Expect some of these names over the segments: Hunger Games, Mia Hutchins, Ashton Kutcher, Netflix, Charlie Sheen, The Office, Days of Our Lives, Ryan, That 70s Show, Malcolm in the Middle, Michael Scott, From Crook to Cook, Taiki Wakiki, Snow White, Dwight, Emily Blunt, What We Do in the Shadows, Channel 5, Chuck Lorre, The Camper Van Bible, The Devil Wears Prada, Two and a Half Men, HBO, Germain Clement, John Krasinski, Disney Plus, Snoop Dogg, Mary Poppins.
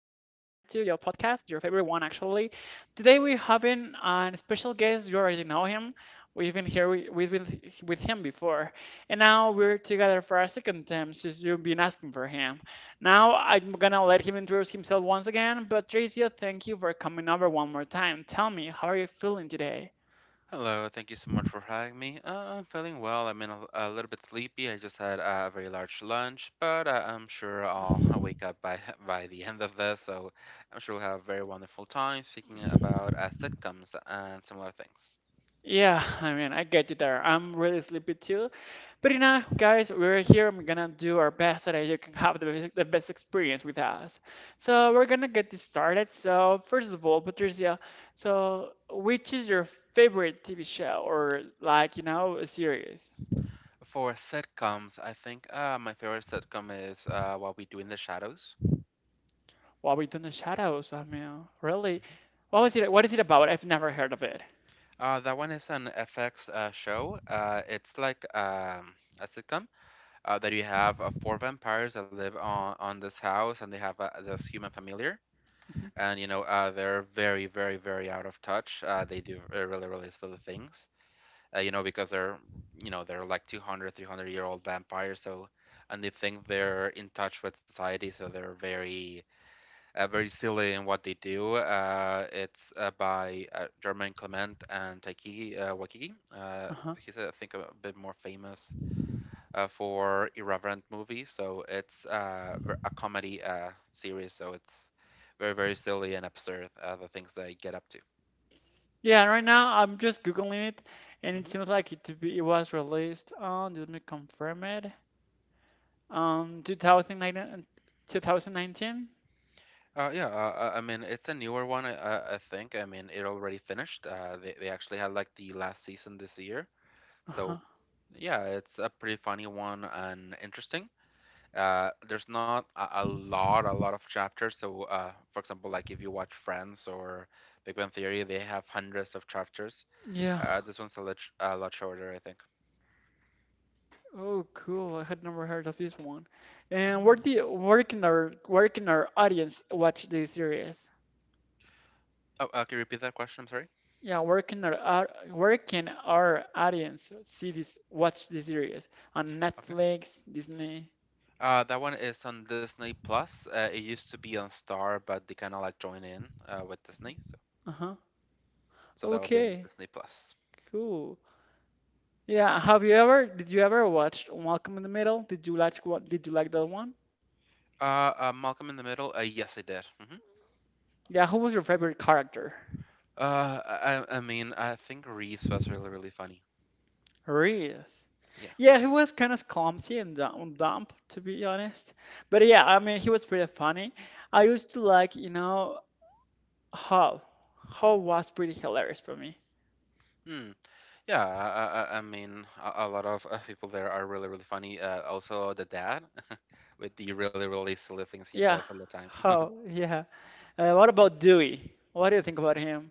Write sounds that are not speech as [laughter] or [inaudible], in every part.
your podcast, your favorite one, actually. Today, we're having a special guest. You already know him. We've been with him before. And now we're together for a second time since you've been asking for him. Now, I'm going to let him introduce himself once again. But, Tracia, thank you for coming over one more time. Tell me, how are you feeling today? Hello, thank you so much for having me. I'm feeling well. I'm in a little bit sleepy. I just had a very large lunch, but I'm sure I'll [laughs] wake up by [laughs] by the end of this. So I'm sure we'll have a very wonderful time speaking about sitcoms and similar things. Yeah, I mean, I get you there. I'm really sleepy too. But you know, guys, we're here. We're gonna do our best so that you can have the best experience with us. So we're gonna get this started. So first of all, Patricia, which is your favorite TV show, or like, a series? For sitcoms, I think my favorite sitcom is What We Do in the Shadows. What we do in the shadows. I mean, really, Mhm. what Yeah. was it? What is it about? I've never heard of it. That one is an FX show. It's like a sitcom. That you have four vampires that live on this house, and they have this human familiar, Mhm. and you know they're very, very, very out of touch. They do really, really silly things, you know, because they're you know they're like 200, 300-year-old vampires, so and they think they're in touch with society, so they're very, very silly in what they do. It's by Germain Clement and Taiki Wakiki. Uh-huh. He's, I think, a bit more famous for irreverent movie. So it's a comedy series. So it's very, very silly and absurd, the things they get up to. Yeah, right now I'm just googling it, and it hmm seems like it to be it was released on. Let me confirm it. 2019, 2019? Yeah, I mean, it's a newer one, I think. I mean, it already finished. They actually had like the last season this year. Uh-huh. So yeah, it's a pretty funny one and interesting. There's not a lot, a lot of chapters. So, for example, like if you watch Friends or Big Bang Theory, they have hundreds of chapters. Yeah. This one's a lot shorter, I think. Oh, cool. I had never heard of this one. And Mm. Where can our audience watch this series? Oh, can you repeat that question? I'm sorry. Yeah, where can our audience see this watch this series? On Okay. Netflix, Disney. That one is on Disney Plus. It used to be on Star, but they kind of like join in with Disney, so Uh-huh. so that would be on Okay. Disney Plus. Cool. Yeah, have you ever did you ever watch Malcolm in the Middle? Did you like what did you like that one? Malcolm in the Middle. Yes, I did. Yeah, who was your favorite character? Uh, I, I mean, I think Reese was really, really funny. Reus. Yeah. Yeah, he was kind of clumsy and dumb, dumb, to be honest. But yeah, I mean, he was pretty funny. I used to like, Hall. Hall was pretty hilarious for me. Hmm. Yeah. I mean, a lot of people there are really, really funny. Also the dad, [laughs] with the really, really silly things he Yeah, does all the time. [laughs] Hall, yeah. What about Dewey? What do you think about him?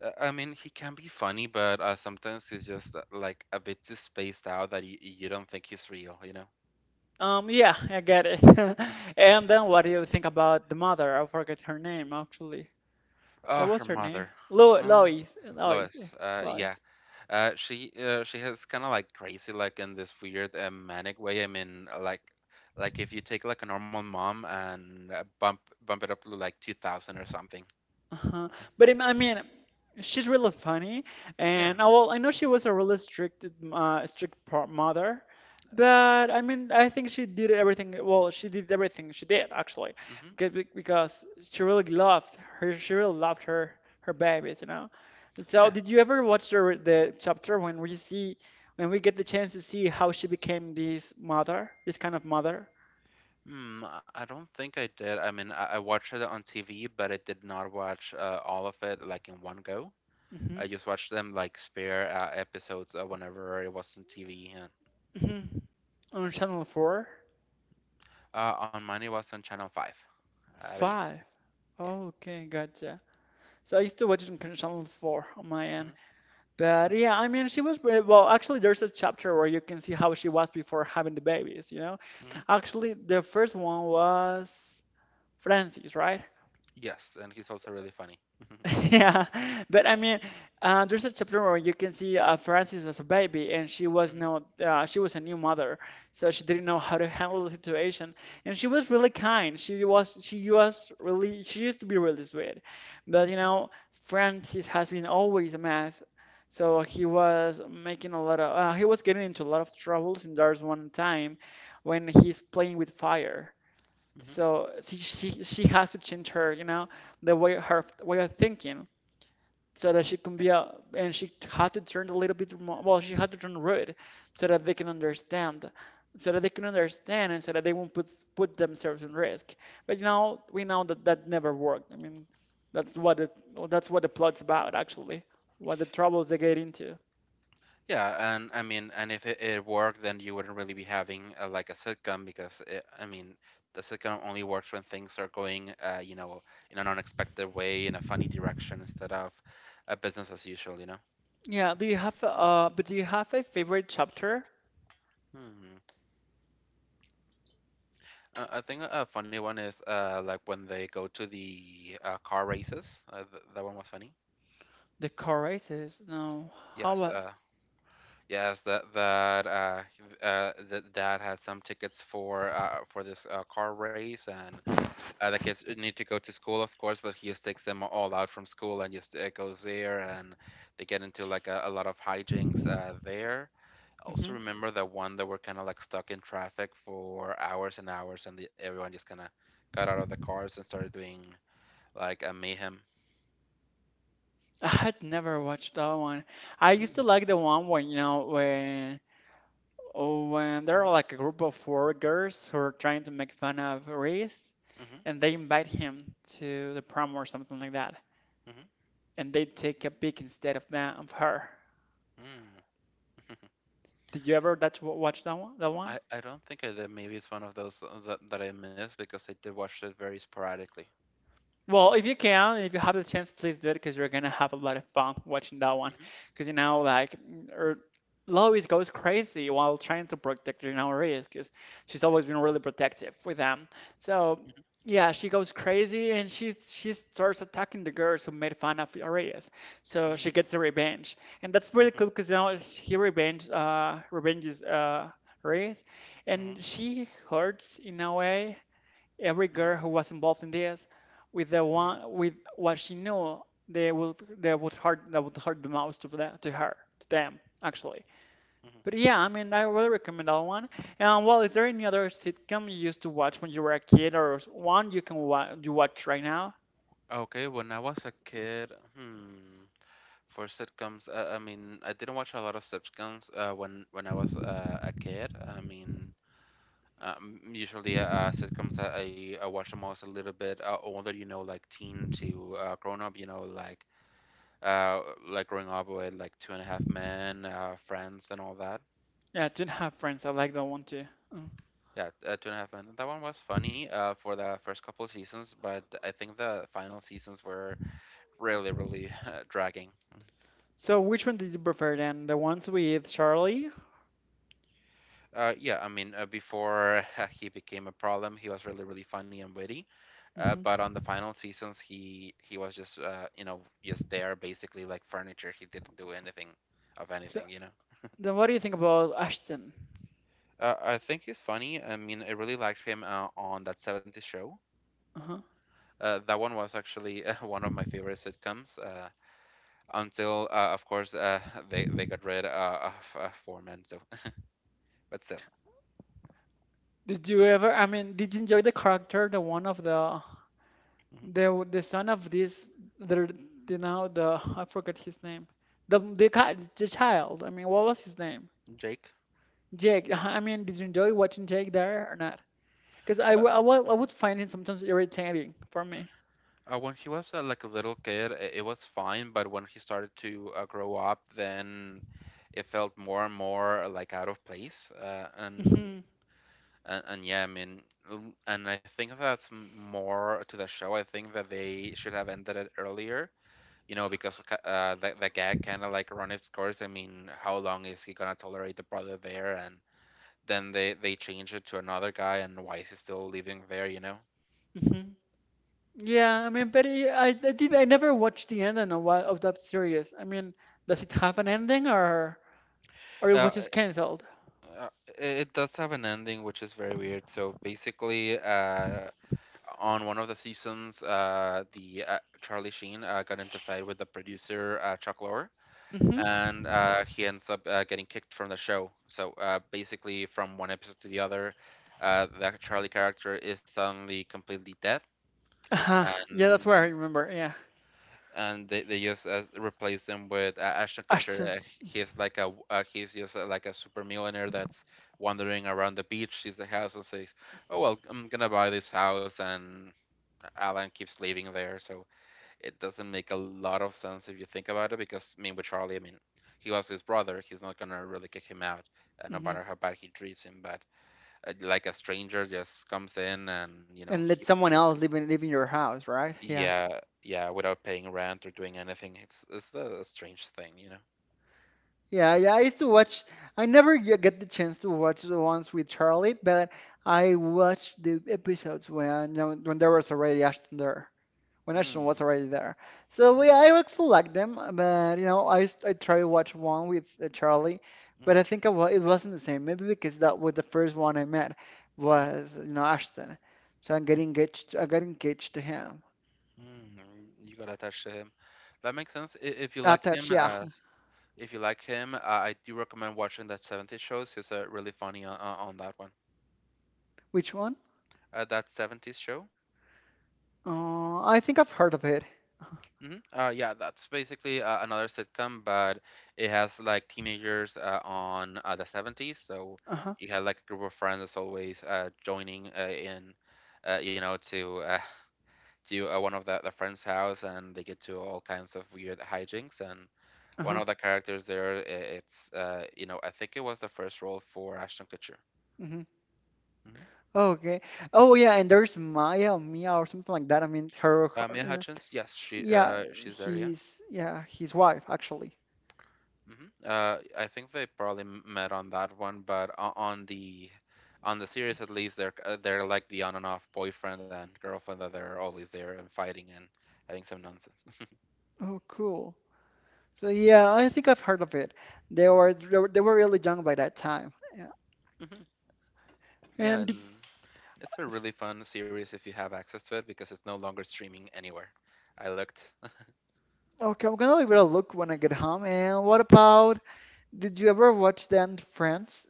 I mean, he can be funny, but sometimes he's just like a bit too spaced out that you don't think he's real, you know? Yeah, I get it. [laughs] [laughs] And then what do you think about the mother? I forget her name, actually. Oh, What her was her name? mother. Lo Uh, Lois. Lois. Lois. Yeah. Lois. She she has kind of like crazy, like in this weird manic way. I mean, like if you take like a normal mom and bump it up to like 2000 or something. Uh-huh. I mean, she's really funny, and Yeah. Well, I know she was a really strict, mother. But I mean, I think she did everything. Well, she did everything she did actually, hmm because because she really loved her. She really loved her her babies, you know. So, Yeah. did you ever watch the chapter when we see when we get the chance to see how she became this mother, this kind of mother? Hmm, I don't think I did. I mean, I watched it on TV, but I did not watch all of it like in one go. Mm-hmm. I just watched them like spare episodes whenever it was on TV. Mm-hmm. On Channel Four, On mine, it was on Channel 5. But yes, Five. yeah. Okay, gotcha. So I used to watch it on Channel 4 on my end. But yeah, I mean, well, actually, there's a chapter where you can see how she was before having the babies, you know? Mm-hmm. Actually, the first one was Francis, right? Yes, and he's also really funny. hmm [laughs] Yeah, but I mean, there's a chapter where you can see Frances as a baby, and she was hmm no, she was a new mother, so she didn't know how to handle the situation, and she was really kind. She used to be really sweet, but you know, Francis has been always a mess, so he was getting into a lot of troubles, and there's one time when he's playing with fire. hmm So she has to change her, you know, the way her way of thinking so that she can Yeah. be a, and she had to turn a little bit more, well, she had to turn red so that they can understand, so that they won't put themselves in risk. But you know, we know that that never worked. I mean, that's what it, that's what the plot's about actually, what the troubles they get into. Yeah, and I mean, and if it worked, then you wouldn't really be having like a sitcom because it, I mean, the sitcom only works when things are going, you know, in an unexpected way, in a funny direction instead of a business as usual, you know? Yeah, do you have a favorite chapter? Hmm. I think a funny one is like when they go to the car races. Th That one was funny. The car races? No. How Yes, about? Yes that that th Dad had some tickets for this car race and the kids need to go to school of course, but he just takes them all out from school and just goes there and they get into like a lot of hijinks there. I also Hmm. remember that one that were kind of like stuck in traffic for hours and hours and everyone just kind of got out of the cars and started doing like a mayhem. [laughs] I had never watched that one. I used to Mm, like the one when you know when. Oh, and they're mhm, like a group of four girls who are trying to make fun of Reese, mhm, and they invite him to the prom or something like that. mhm, And they take a pic instead of that of her. mm. [laughs] Did you ever that watch that one? That one? I don't think I did. Maybe it's one of those that that I missed because I did watch it very sporadically. Well, if you can, if you have the chance, please do it because you're gonna have a lot of fun watching that one. Mhm, Because you know, like, er, Lois goes crazy while trying to protect you know Reyes because she's always been really protective with them. So mhm, yeah, she goes crazy and she starts attacking the girls who made fun of Reyes. So she mhm, gets a revenge, and that's really mhm, cool because you know he revenges Reyes, and mhm, she hurts in a way every mhm, girl who was involved in this with the mhm. one with what she knew they would hurt that would hurt the most to that to her to them actually. mhm. But yeah, I mean, I really recommend that one. And well, is there any other sitcom you used to watch when you were a kid, or one you can watch you watch right now? Okay, when I was a kid, for sitcoms, I mean, I didn't watch a lot of sitcoms when I was a kid. I mean, usually sitcoms that I watch them was a little bit older, you know, like teen to grown up, you know, Uh, like growing up with like Two and a Half Men, Friends, and all that. Yeah, I don't have friends. I like that one too. Mm. Yeah, Two and a Half Men. That one was funny for the first couple of seasons, but I think the final seasons were really, really [laughs] dragging. So which one did you prefer then, the ones with Charlie? Yeah, I mean, before [laughs] he became a problem, he was really, really funny and witty. But Hmm. on the final seasons, he was just you know just there basically like furniture. He didn't do anything of So anything, you know. then what do you think about Ashton? I think he's funny. I mean, I really liked him on that 70s show. Uh-huh. That one was actually [laughs] one of my favorite sitcoms until, of course, [laughs] they got rid of Foreman. So, [laughs] but still, did you ever I mean Did you enjoy the character, the one of the Mhm. the the son of this the, the now the I forgot his name. The guy, the child. I mean, what was his name? Jake. Jake. [laughs] I mean, did you enjoy watching Jake there or not? Because Uh, I would mhm. find it sometimes irritating for me. When he was like a little kid, it was fine, but when he started to grow up, then it felt more and more like out of place. Hmm. And yeah, I mean, l- and I think that's more to the show. I think that they should have ended it earlier you know, because the gag kind of like run its course. I mean, how long is he gonna tolerate the brother there? And then they change it to another guy, and why is he still living there? You know. Hmm. Yeah, I mean, but I never watched the end and a while of that series. I mean, does it hmm have an ending, or it Uh, was just it- canceled? uh, it does have an ending, which is very weird. So basically, on one of the seasons, the Charlie Sheen got into a fight with the producer Chuck Lorre Hmm. and he ends up getting kicked from the show. So basically, from one episode to the other, that Charlie character is suddenly completely dead, Uh-huh. Yeah, that's what I and remember. Yeah, and they just replace him with Ashton Ashton. Kutcher. He's just like a super millionaire that's wandering around the beach, sees the house, and says, "Oh well, I'm gonna buy this house," and Alan keeps living there. So it doesn't make a lot of sense if you think about it because I mean with Charlie, I mean he was his brother. He's not gonna really kick him out, no Hmm. matter how bad he treats him. But like a stranger just comes in and you know And let keeps someone living there. else live in your house, right? Yeah. Yeah, yeah, without paying rent or doing anything. It's a strange thing, you know. Yeah, yeah, I used to watch. I never get the chance to watch the ones with Charlie, but I watched the episodes when you know, when there was already Ashton there, when Ashton Hmm. was already there. So we, I actually like them, but you know, I tried to watch one with Charlie, but Mm-hmm, I think it wasn't the same. Maybe because that was the first one I met mm-hmm, was you know Ashton, so I'm getting engaged. I got engaged to him. mm. You got attached to him. That makes sense. If you like Attached, him, yeah. If you like him, I do recommend watching that 70s shows. He's really funny on that one. [laughs] Which one? That 70s show. I think I've heard of it. Uh-huh. Yeah, that's basically another sitcom, but it has like teenagers on the 70s. So Uh-huh. you had like a group of friends that's always joining you know, to [laughs] to one of the friend's house, and they get to all kinds of weird hijinks. And one Uh-huh, of the characters it's you know, I think it was the first role for Ashton Kutcher. mm-hmm. hmm Okay. Oh yeah, and there's Maya or Mia or something like that. I mean, her, her Mia you know, Hutchins, yes, yeah, she's there, yeah. he's yeah, his wife actually. Mhm. I think they probably met on that one, but on the series at least, they're like the on and off boyfriend and girlfriend that they're always there and fighting and having some nonsense. Oh, cool. So yeah, I think I've heard of it. They were really young by that time. Yeah. [laughs] hmm Yeah, And did- and it's a s- really fun series if you have access to it because it's no longer streaming anywhere. I looked. [laughs] okay, I'm gonna give it a look when I get home. And what about, did you ever watch then Friends?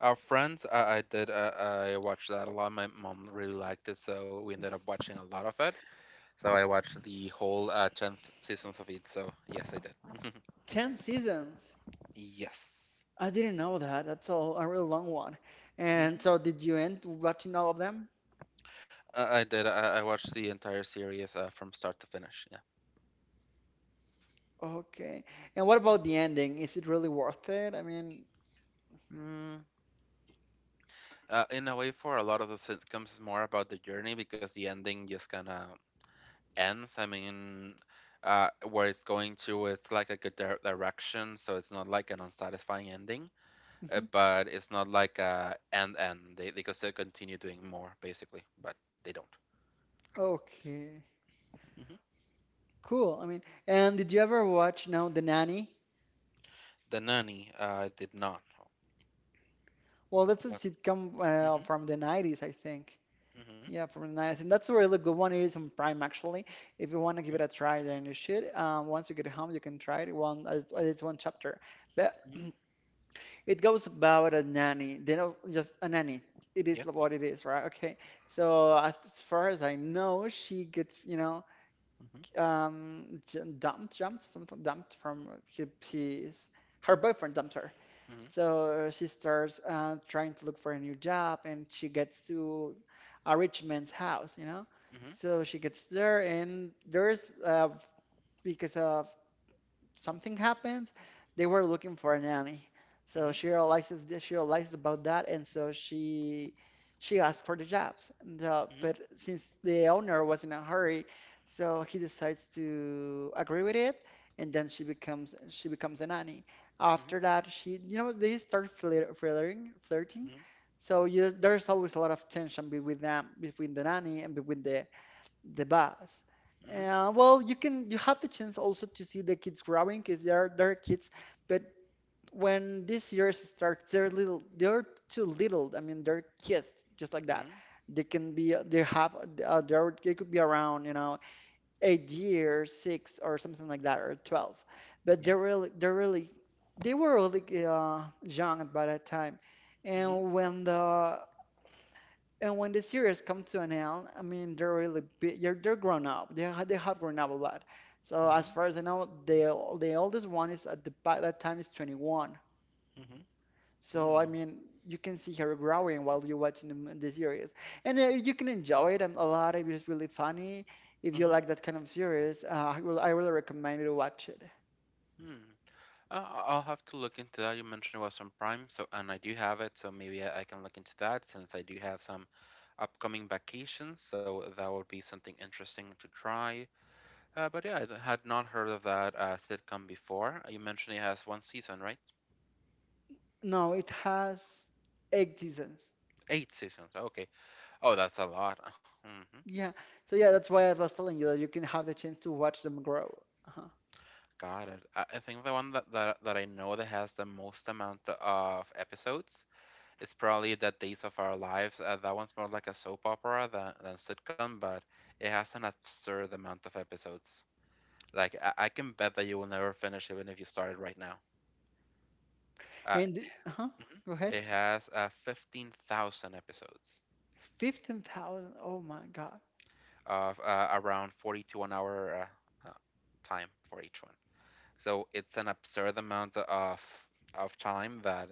Our friends, I did. I watched that a lot. My mom really liked it, so we ended up watching a lot of it. So I watched the whole tenth seasons of it. So yes, I did. Ten seasons. [laughs] Yes. I didn't know that. That's a really long one. And hmm so did you end watching all of them? I did. I watched the entire series from start to finish. Yeah. Okay. And what about the ending? Is it really worth it? I mean, Mm, in a way, for a lot of the sitcoms, it's more about the journey because the ending just kind of ends. I mean, where it's going to, it's like a good direction, so it's not like an unsatisfying ending, mhm. but it's not like a end end. They could still continue doing more, basically, but they don't. Okay. Hmm. Cool. I mean, and did you ever watch now The Nanny? The Nanny, did not. Well, that's a What? sitcom Hmm. from the 90s, I think. Hmm. Yeah, from the 90s. And that's a really good one. It is on Prime, actually. If you want to give it Okay. a try, then you should. Once you get home, you can try it. One, it's one chapter. But Hmm. it goes about a nanny. They know just a nanny. It is Yeah. what it is, right? Okay. So as far as I know, she gets, you know, Hmm. J- dumped jumped something dumped from he, his her boyfriend dumped her, Hmm. so she starts trying to look for a new job, and she gets to a rich man's house, you know. So she gets there, and there's because of something happens, they were looking for a nanny. So Hmm. she realizes this, she realizes about that, and so she asked for the jobs. And, Hmm. but since the owner was in a hurry, so he decides to agree with it, and then she becomes a nanny. Mhm, After that, she you know they start flirting, flirting. mhm, So you, there's always a lot of tension between them, between the nanny and between the bus. mhm, Well, you have the chance also to see the kids growing because they're kids, but when this year starts, they're little, they're too little. I mean, they're kids just like that. mhm, They can be they have they're, they could be around you know 8 years, six or something like that, or 12. But yeah, they were really young by that time. mhm, And when the series come to an end, I mean, they're really big. They're grown up. They have grown up a lot. So mhm, as far as I know, the oldest one is at the by that time is 21. mhm, So I mm, mean, you can see her growing while you're watching the series, and you can enjoy it a lot. It is really funny. If you mhm, like that kind of series, I really recommend you to watch it. mm. I'll have to look into that. You mentioned it was on Prime, so and I do have it, so maybe I can look into that since I do have some upcoming vacations, so that would be something interesting to try. But yeah, I had not heard of that sitcom before. You mentioned it has one season, right? No, it has 8 seasons. Eight seasons. Okay. Oh, that's a lot. [laughs] Hmm. Yeah. So yeah, that's why I was telling you that you can have the chance to watch them grow. Uh-huh. Got it. I think the one that I know that has the most amount of episodes, it's probably the Days of Our Lives. That one's more like a soap opera than sitcom, but it has an absurd amount of episodes. Like I can bet that you will never finish even if you started right now. Uh, And huh? mhm. Go ahead. It has 15,000 episodes 15,000. Oh my God. of around 40 to 1 hour uh, uh, time for each one. So it's an absurd amount of time that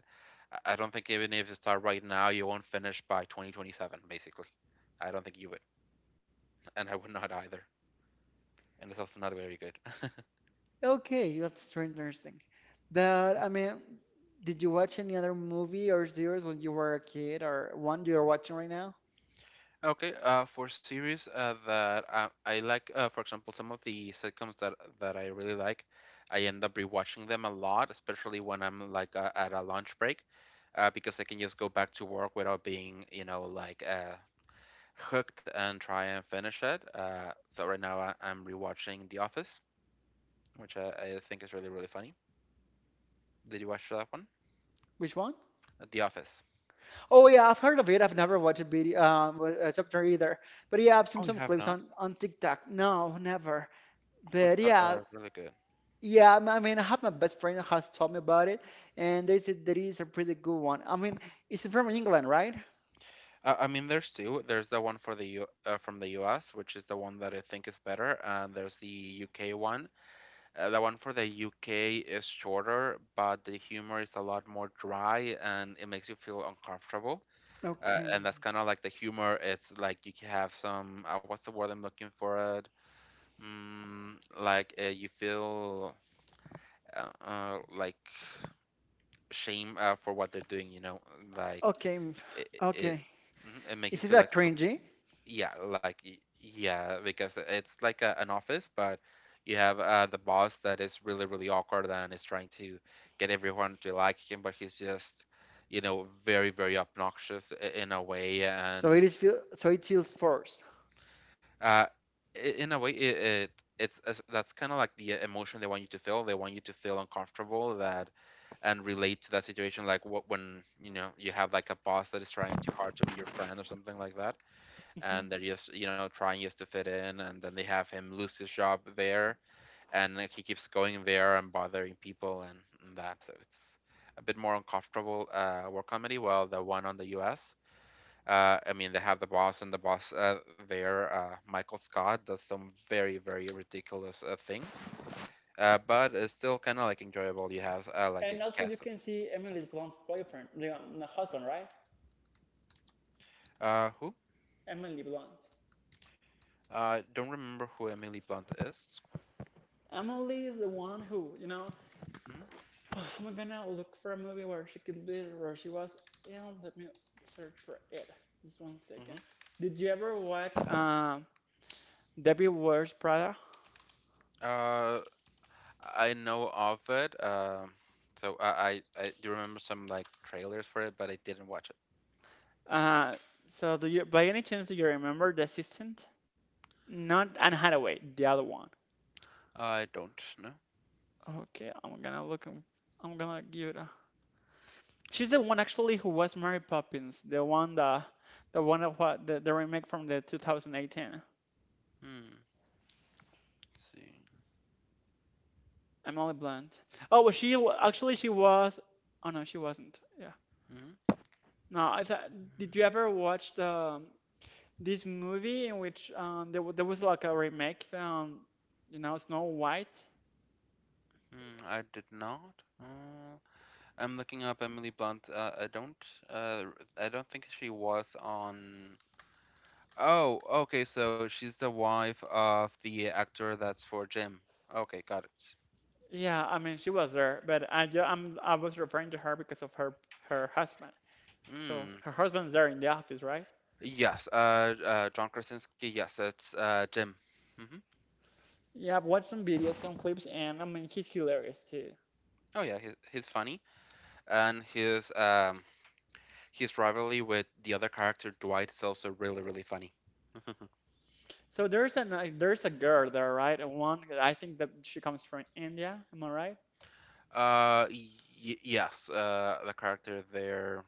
I don't think even if you start right now, you won't finish by 2027, basically. I don't think you would, [laughs] and I would not either. And it's also not very good. [laughs] Okay, that's strange nursing. But I mean, did you watch any other movie or series when you were a kid, or one you are watching right now? Okay, for series that I like, for example, some of the sitcoms that I really like, I end up rewatching them a lot, especially when I'm like at a lunch break, because I can just go back to work without being, like hooked and try and finish it. So right now I'm rewatching The Office, which I think is really really funny. Did you watch that one? Which one? The Office. Oh yeah, I've heard of it. I've never watched a video, a chapter either. But yeah, I've Oh, seen you some have clips not? on TikTok. No, never. What's But that? yeah, Really good. yeah. I mean, I have my best friend who has told me about it, and they said that is a pretty good one. I mean, it's from England, right? I mean, there's two. There's the one for the U from the US, which is the one that I think is better, and there's the UK one. The one for the UK is shorter, but the humor is a lot more dry, and it makes you feel uncomfortable. Uh, Okay. and that's kind of like the humor. It's like you can have some. What's the word I'm looking for? It mm, like, you feel like shame, for what they're doing. You know, like Okay, it it, it okay. mhm, it makes you Is it feel like like, so. cringy? Yeah, like yeah, because it's like an office, but you have the boss that is really really awkward and is trying to get everyone to like him, but he's just very very obnoxious, in a way, So and it feels forced. uh, in a way, that's kind of like the emotion they want you to feel. They want you to feel uncomfortable that and relate to that situation, like what when you know you have like a boss that is trying too hard to be your friend or something like that, Hmm. and they're just trying just to fit in, and then they have him lose his job there, and like, he keeps going there and bothering people, and, that, so it's a bit more uncomfortable war comedy. Well, the one on the US, I mean, they have the boss, and the boss, there, Michael Scott, does some very very ridiculous things, but it's still kind of like enjoyable. You have like And a cast of, right, who Emily Blunt. I, don't remember who Emily Blunt is. Emily is the one who, Hmm? [sighs] oh, I'm gonna look for a movie where she was. You know, let me search for it. Just one second. Hmm. Did you ever watch Debbie Wears Prada? uh, I know of it. So I do remember some like trailers for it, but I didn't watch it. Uh, so do you, by any chance, do you remember the assistant? Not Anne Hathaway, the other one. I don't know. Okay, I'm gonna look. I'm gonna give it. She's the one actually who was Mary Poppins, the one that the one of what the remake from the 2018. Hmm. Let's see. Emily Blunt. Oh, well, actually she was. Oh no, she wasn't. Yeah. Hmm. No, I thought. Did you ever watch the this movie in which there was like a remake Snow White? Hmm, I did not. I'm looking up Emily Blunt. I don't. Uh, I don't think she was on. Oh, okay. So she's the wife of the actor that's for Jim. Okay, got it. Yeah, I mean she was there, but I ju- I'm I was referring to her because of her husband. So Hmm. her husband's there in the office, right? Yes. John Krasinski. Yes, it's Jim. Hmm. Yeah, I've watched some videos, some clips, and I mean he's hilarious too. Oh yeah, he's funny, and his rivalry with the other character Dwight is also really really funny. [laughs] So there's a girl there, right? And one I think that she comes from India. Am I right? uh y- yes, the character there.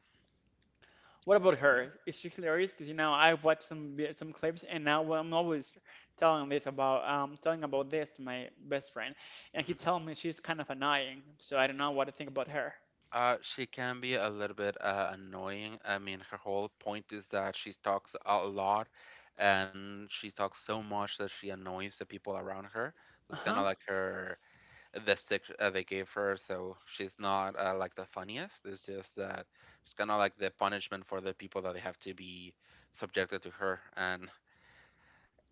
What about Mhm, her? Is she hilarious? Because I've watched some clips, and now, well, I'm always telling about this to my best friend, and he mhm. tells me she's kind of annoying. So I don't know what to think about her. She can be a little bit annoying. I mean, her whole point is that she talks a lot, and she talks so much that she annoys the people around her. So it's kind of Uh-huh. like her the stick they gave her, so she's not like the funniest. It's just that it's kind of like the punishment for the people that they have to be subjected to her, and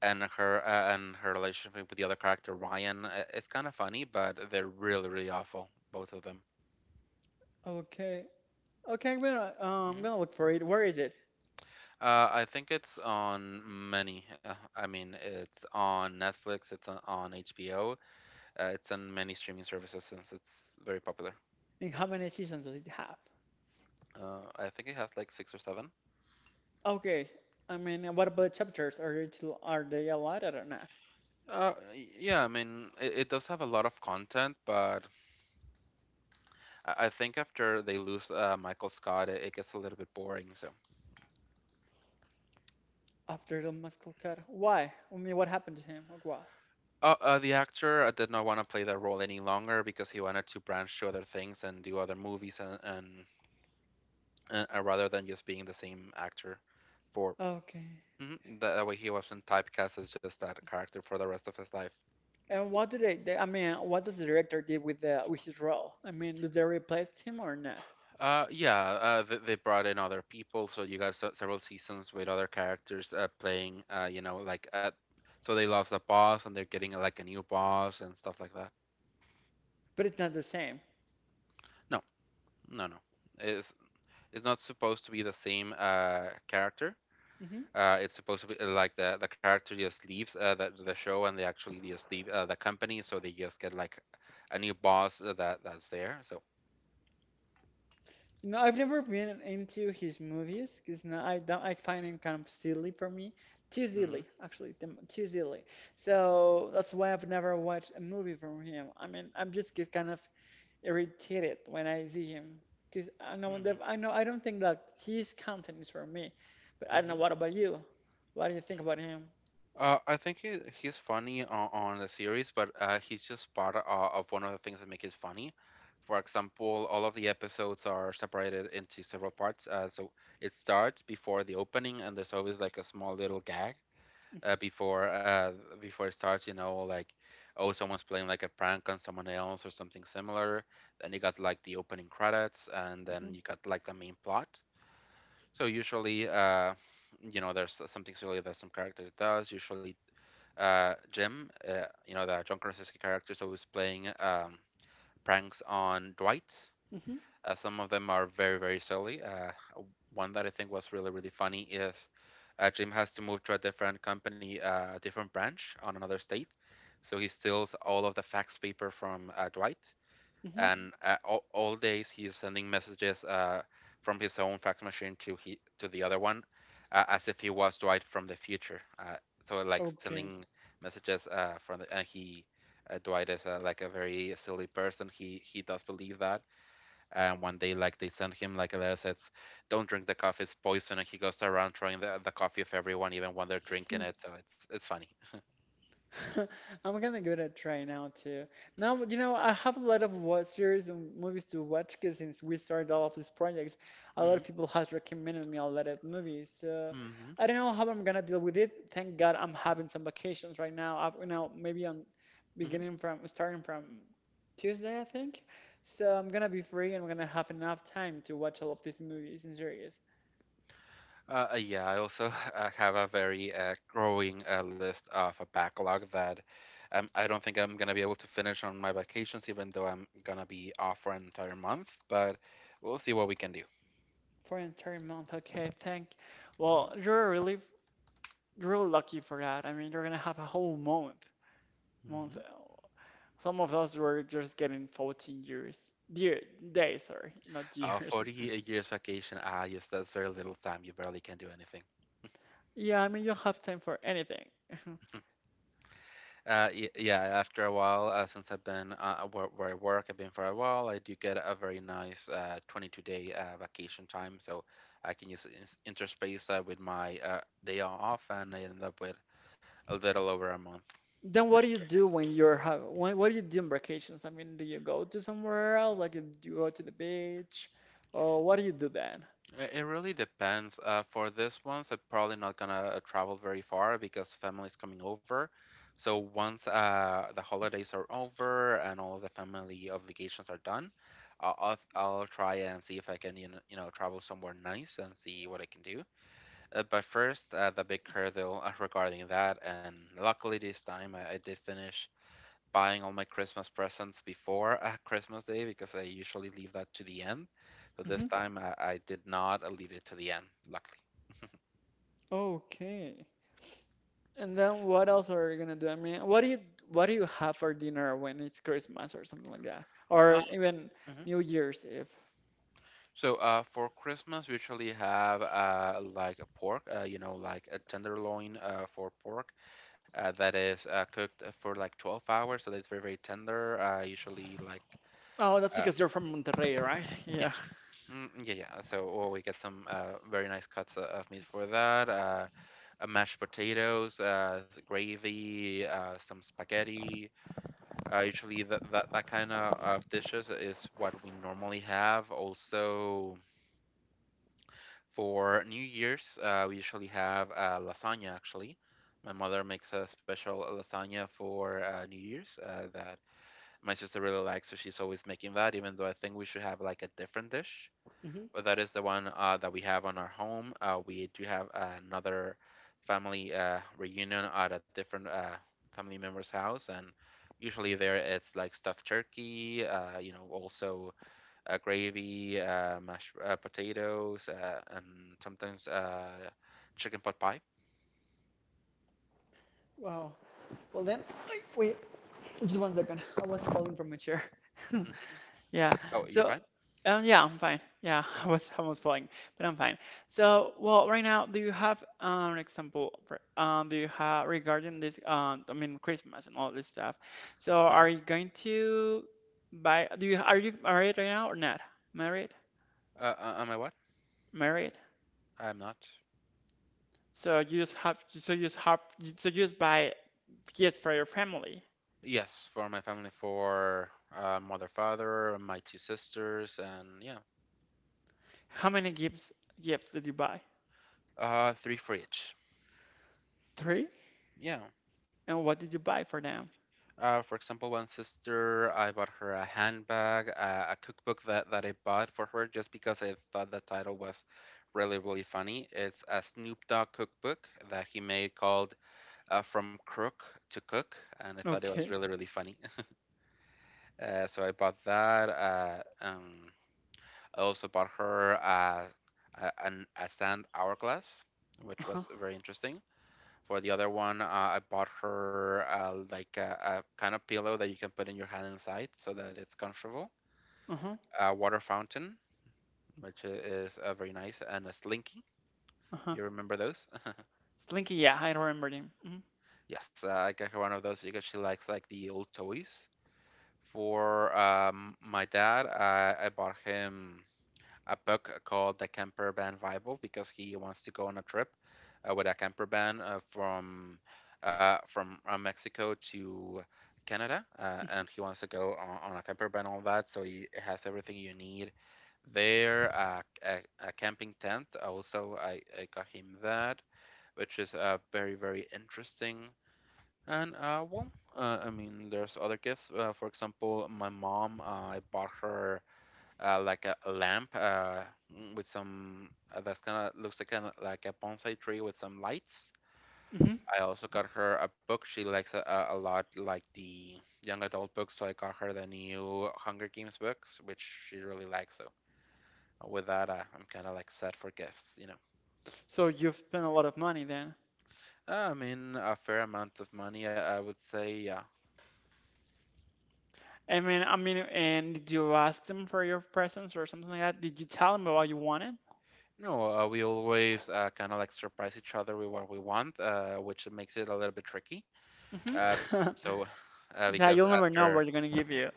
and her uh, and her relationship with the other character Ryan. It's kind of funny, but they're really really awful, both of them. Okay. Okay, I'm Hmm. gonna look for it. Where is it? I think it's on many. I mean, it's on Netflix, it's on HBO, it's on many streaming services since it's very popular. And how many seasons does it have? I think it has like six or seven. Okay. I mean, what about chapters? Are it are they a lot? I don't know. Yeah, I mean, it does have a lot of content, but I think after they lose Michael Scott, it gets a little bit boring. So, After the muscle cut. Why? I mean, what happened to him? Like, why? the actor did not want to play that role any longer because he wanted to branch to other things and do other movies, and rather than just being the same actor for. Okay. Mhm. That way he wasn't typecast as just that character for the rest of his life. And what did they? I mean, what does the director did with the with his role? I mean, did they replace him or not? Yeah, they brought in other people, so you got several seasons with other characters playing. So they lost a boss, and they're getting like a new boss and stuff like that. But it's not the same. No, no, no. It's it's not supposed to be the same character. Hmm. It's supposed to be like the character just leaves the show, and they actually just leave the company, so they just get like a new boss that's there. So. No, I've never been into his movies because no, I don't. I find him kind of silly for me, too silly Hmm. actually, too silly. So that's why I've never watched a movie from him. I mean, I'm just get kind of irritated when I see him because I know that I know I don't think that his content is for me, but I don't know, Hmm. what about you? What do you think about him? I think he's funny on the series, but he's just part of one of the things that make it funny. For example, all of the episodes are separated into several parts. So it starts before the opening, and there's always like a small little gag uh, before uh, before it starts. Like, oh, someone's playing like a prank on someone else or something similar. Then you got like the opening credits, and then Hmm. you got like the main plot. So usually, there's something silly that some character does. Usually Jim, the John Krasinski character, was playing pranks on Dwight. Hmm. Some of them are very, very silly. One that I think was really, really funny is Jim has to move to a different company, a different branch on another state. So he steals all of the fax paper from Dwight, Hmm. and all days he's sending messages from his own fax machine to the other one, as if he was Dwight from the future. So like Okay. sending messages from the and he. Dwight is like a very silly person. He does believe that. And one day, like they send him like a letter says, "Don't drink the coffee; it's poison." And he goes around throwing the coffee of everyone, even when they're drinking it. So it's funny. [laughs] I'm gonna give it a try now too. Now, I have a lot of what series and movies to watch because since we started all of these projects, a lot Mm-hmm. of people has recommended me a lot of movies. So Mm-hmm. I don't know how I'm gonna deal with it. Thank God I'm having some vacations right now. I've, maybe I'm Mm-hmm. beginning from starting from Tuesday, I think. So I'm gonna be free and I'm gonna have enough time to watch all of these movies and series Yeah, I also [laughs] have a very growing list of a backlog that I don't think I'm gonna be able to finish on my vacations, even though I'm gonna be off for an entire month. But we'll see what we can do. for an entire month. Okay, thank. Well, you're a relief. You're really lucky for that. I mean, you're gonna have a whole month. Mm-hmm. Month. Some of us were just getting 14 years. Year, days, sorry, not years. 40 [laughs] years vacation, ah, yes, that's very little time. You barely can do anything. Yeah, I mean, you don't have time for anything. [laughs] Yeah, after a while, since I've been where I work, I've been for a while. I do get a very nice 22 day vacation time, so I can use interspace that with my day off, and I end up with a little over a month, Then which what is do you very do nice. when what do you do on vacations? I mean, do you go to somewhere else? Like, do you go to the beach? Or what do you do then? It really depends. For this ones, I'm probably not gonna travel very far because family's coming over. So once the holidays are over and all of the family obligations are done, I'll, I'll try and see if I can travel somewhere nice and see what I can do. But first, the big hurdle regarding that, and luckily this time I did finish buying all my Christmas presents before Christmas Day because I usually leave that to the end. So this Hmm. time I did not. I leave it to the end, luckily. [laughs] Okay. And then what else are you gonna do? I mean, what do you have for dinner when it's Christmas or something like that? Uh, Or even mhm. New Year's Eve? So for Christmas, we usually have like a pork, like a tenderloin for pork that is cooked for like 12 hours. So that's very, very tender. Usually like uh, [laughs] Yeah. Yeah. Yeah, yeah. So, well, we get some very nice cuts of meat for that. Mashed potatoes, gravy, some spaghetti. Usually, that kind of dishes is what we normally have. Also, for New Year's, we usually have lasagna. Actually, my mother makes a special lasagna for New Year's that my sister really likes, so she's always making that. Even though I think we should have like a different dish, Hmm. well, that is the one that we have on our home. We do have another family reunion at a different family member's house, and usually there it's like stuffed turkey, you know, also gravy, mashed potatoes, and sometimes chicken pot pie. Wow. Well then, ay, wait, just one second. I was falling from my chair. [laughs] Hmm. Yeah. Oh, you're So, fine. Yeah, I'm fine. Yeah, [laughs] I Hmm. was almost falling, but I'm fine. So, well, right now, do you have an example for, do you have regarding this, I mean, Christmas and all this stuff? So, Uh-huh. are you going to buy, are you married right now or not? Married? Am I what? Married? I'm not. So you just have, so you just have, so you just buy gifts for your family. Yes, for my family, for mother, father, my two sisters, and yeah, How many gifts did you buy? Three for each. Three? Yeah. And what did you buy for them? For example, one sister, I bought her a handbag, a cookbook that I bought for her just because I thought the title was really, really funny. It's a Snoop Dogg cookbook that he made called From Crook to Cook, and I thought it was Okay. really, really funny. [laughs] So I bought that. I also bought her a sand hourglass, which Uh-huh. was very interesting. For the other one, I bought her like a kind of pillow that you can put in your hand inside so that it's comfortable. Uh-huh. A water fountain, which is very nice, and a slinky. Uh-huh. You remember those? [laughs] Slinky, yeah, I remember him. Mm-hmm. Yes, I got her one of those because she likes like the old toys. For my dad, I bought him a book called The Camper Van Bible because he wants to go on a trip with a camper van from Mexico to Canada, and he wants to go on a camper van, all that. So he has everything you need there. A camping tent. Also, I got him that, which is very very interesting. And uh, well, I mean, there's other gifts. For example, my mom, I bought her like a lamp with some that's kind of looks like kind of like a bonsai tree with some lights. Mm-hmm. I also got her a book she likes a lot, like the young adult books. So I got her the new Hunger Games books, which she really likes. So with that, I'm kind of like set for gifts, you know. So you've spent a lot of money then. I mean, a fair amount of money, I would say. Yeah. I mean, and did you ask them for your presents or something like that? Did you tell them what you wanted? No, we always kind of like surprise each other with what we want, which makes it a little bit tricky. Uh, Mm-hmm. [laughs] so, Yeah, because you'll never know after what they're gonna give you.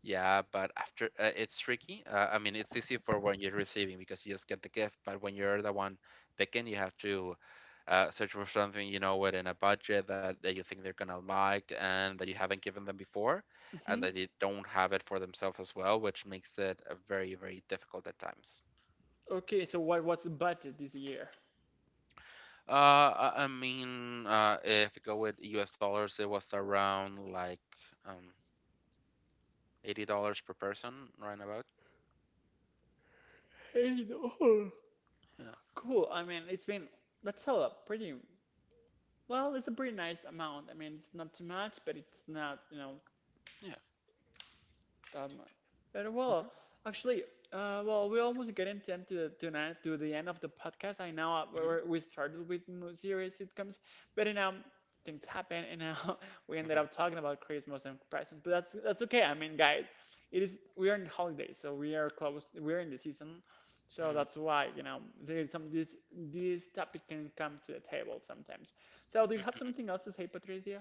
Yeah, but after it's tricky. I mean, it's easy for when you're receiving because you just get the gift, but when you're the one picking, you have to search for something you know within a budget that you think they're gonna like and that you haven't given them before, and Mm-hmm. that they don't have it for themselves as well, which makes it very, very difficult at times. Okay, so what's the budget this year? I mean, if you go with US dollars, it was around like um, $80 per person, right about. Hey, no. Yeah, Cool. I mean, it's been that's all up pretty. Well, it's a pretty nice amount. I mean, it's not too much, but it's not yeah. that much. But well, Hmm. actually, well, we almost getting tonight to the end of the podcast. I know Hmm. We started with serious sitcoms, but things happen, and now [laughs] we ended up talking about Christmas and presents. But that's okay. I mean, guys, it is we are in holidays, so we are close. We're in the season, so Hmm. that's why there's some this topic can come to the table sometimes. So, do you have something else to say, Patricia?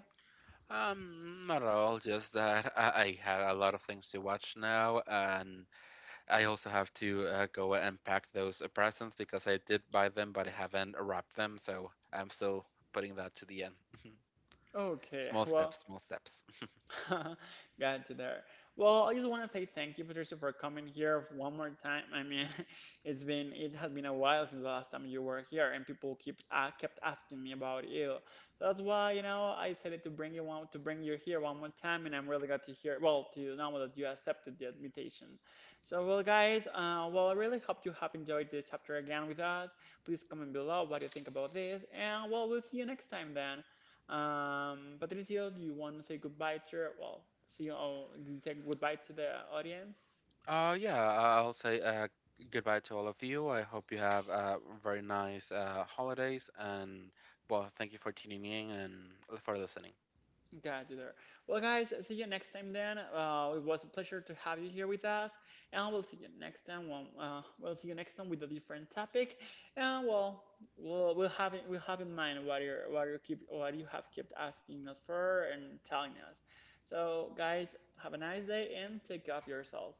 Not at all. Just that [laughs] I have a lot of things to watch now, and I also have to go and pack those presents because I did buy them, but I haven't wrapped them, so I'm still putting that to the end. [laughs] Okay, Small steps, well, small steps. [laughs] got you there. Well, I just want to say thank you, Patricia, for coming here one more time. I mean, [laughs] it has been a while since the last time you were here, and people keep kept asking me about you. So that's why, I decided to bring you here one more time, and I'm really glad to hear well to know that you accepted the invitation. So, well, guys, well, I really hope you have enjoyed this chapter again with us. Please comment below what you think about this, and well, we'll see you next time then. Patricio, do you want to say goodbye to your, well, see you, oh, say goodbye to the audience? Yeah, I'll say goodbye to all of you. I hope you have very nice holidays, and well, thank you for tuning in and for listening. Got you there. Well, guys, see you next time then. It was a pleasure to have you here with us, and we'll see you next time. We'll see you next time with a different topic, and well, we'll have in mind what you have kept asking us for and telling us. So, guys, have a nice day and take care of yourself.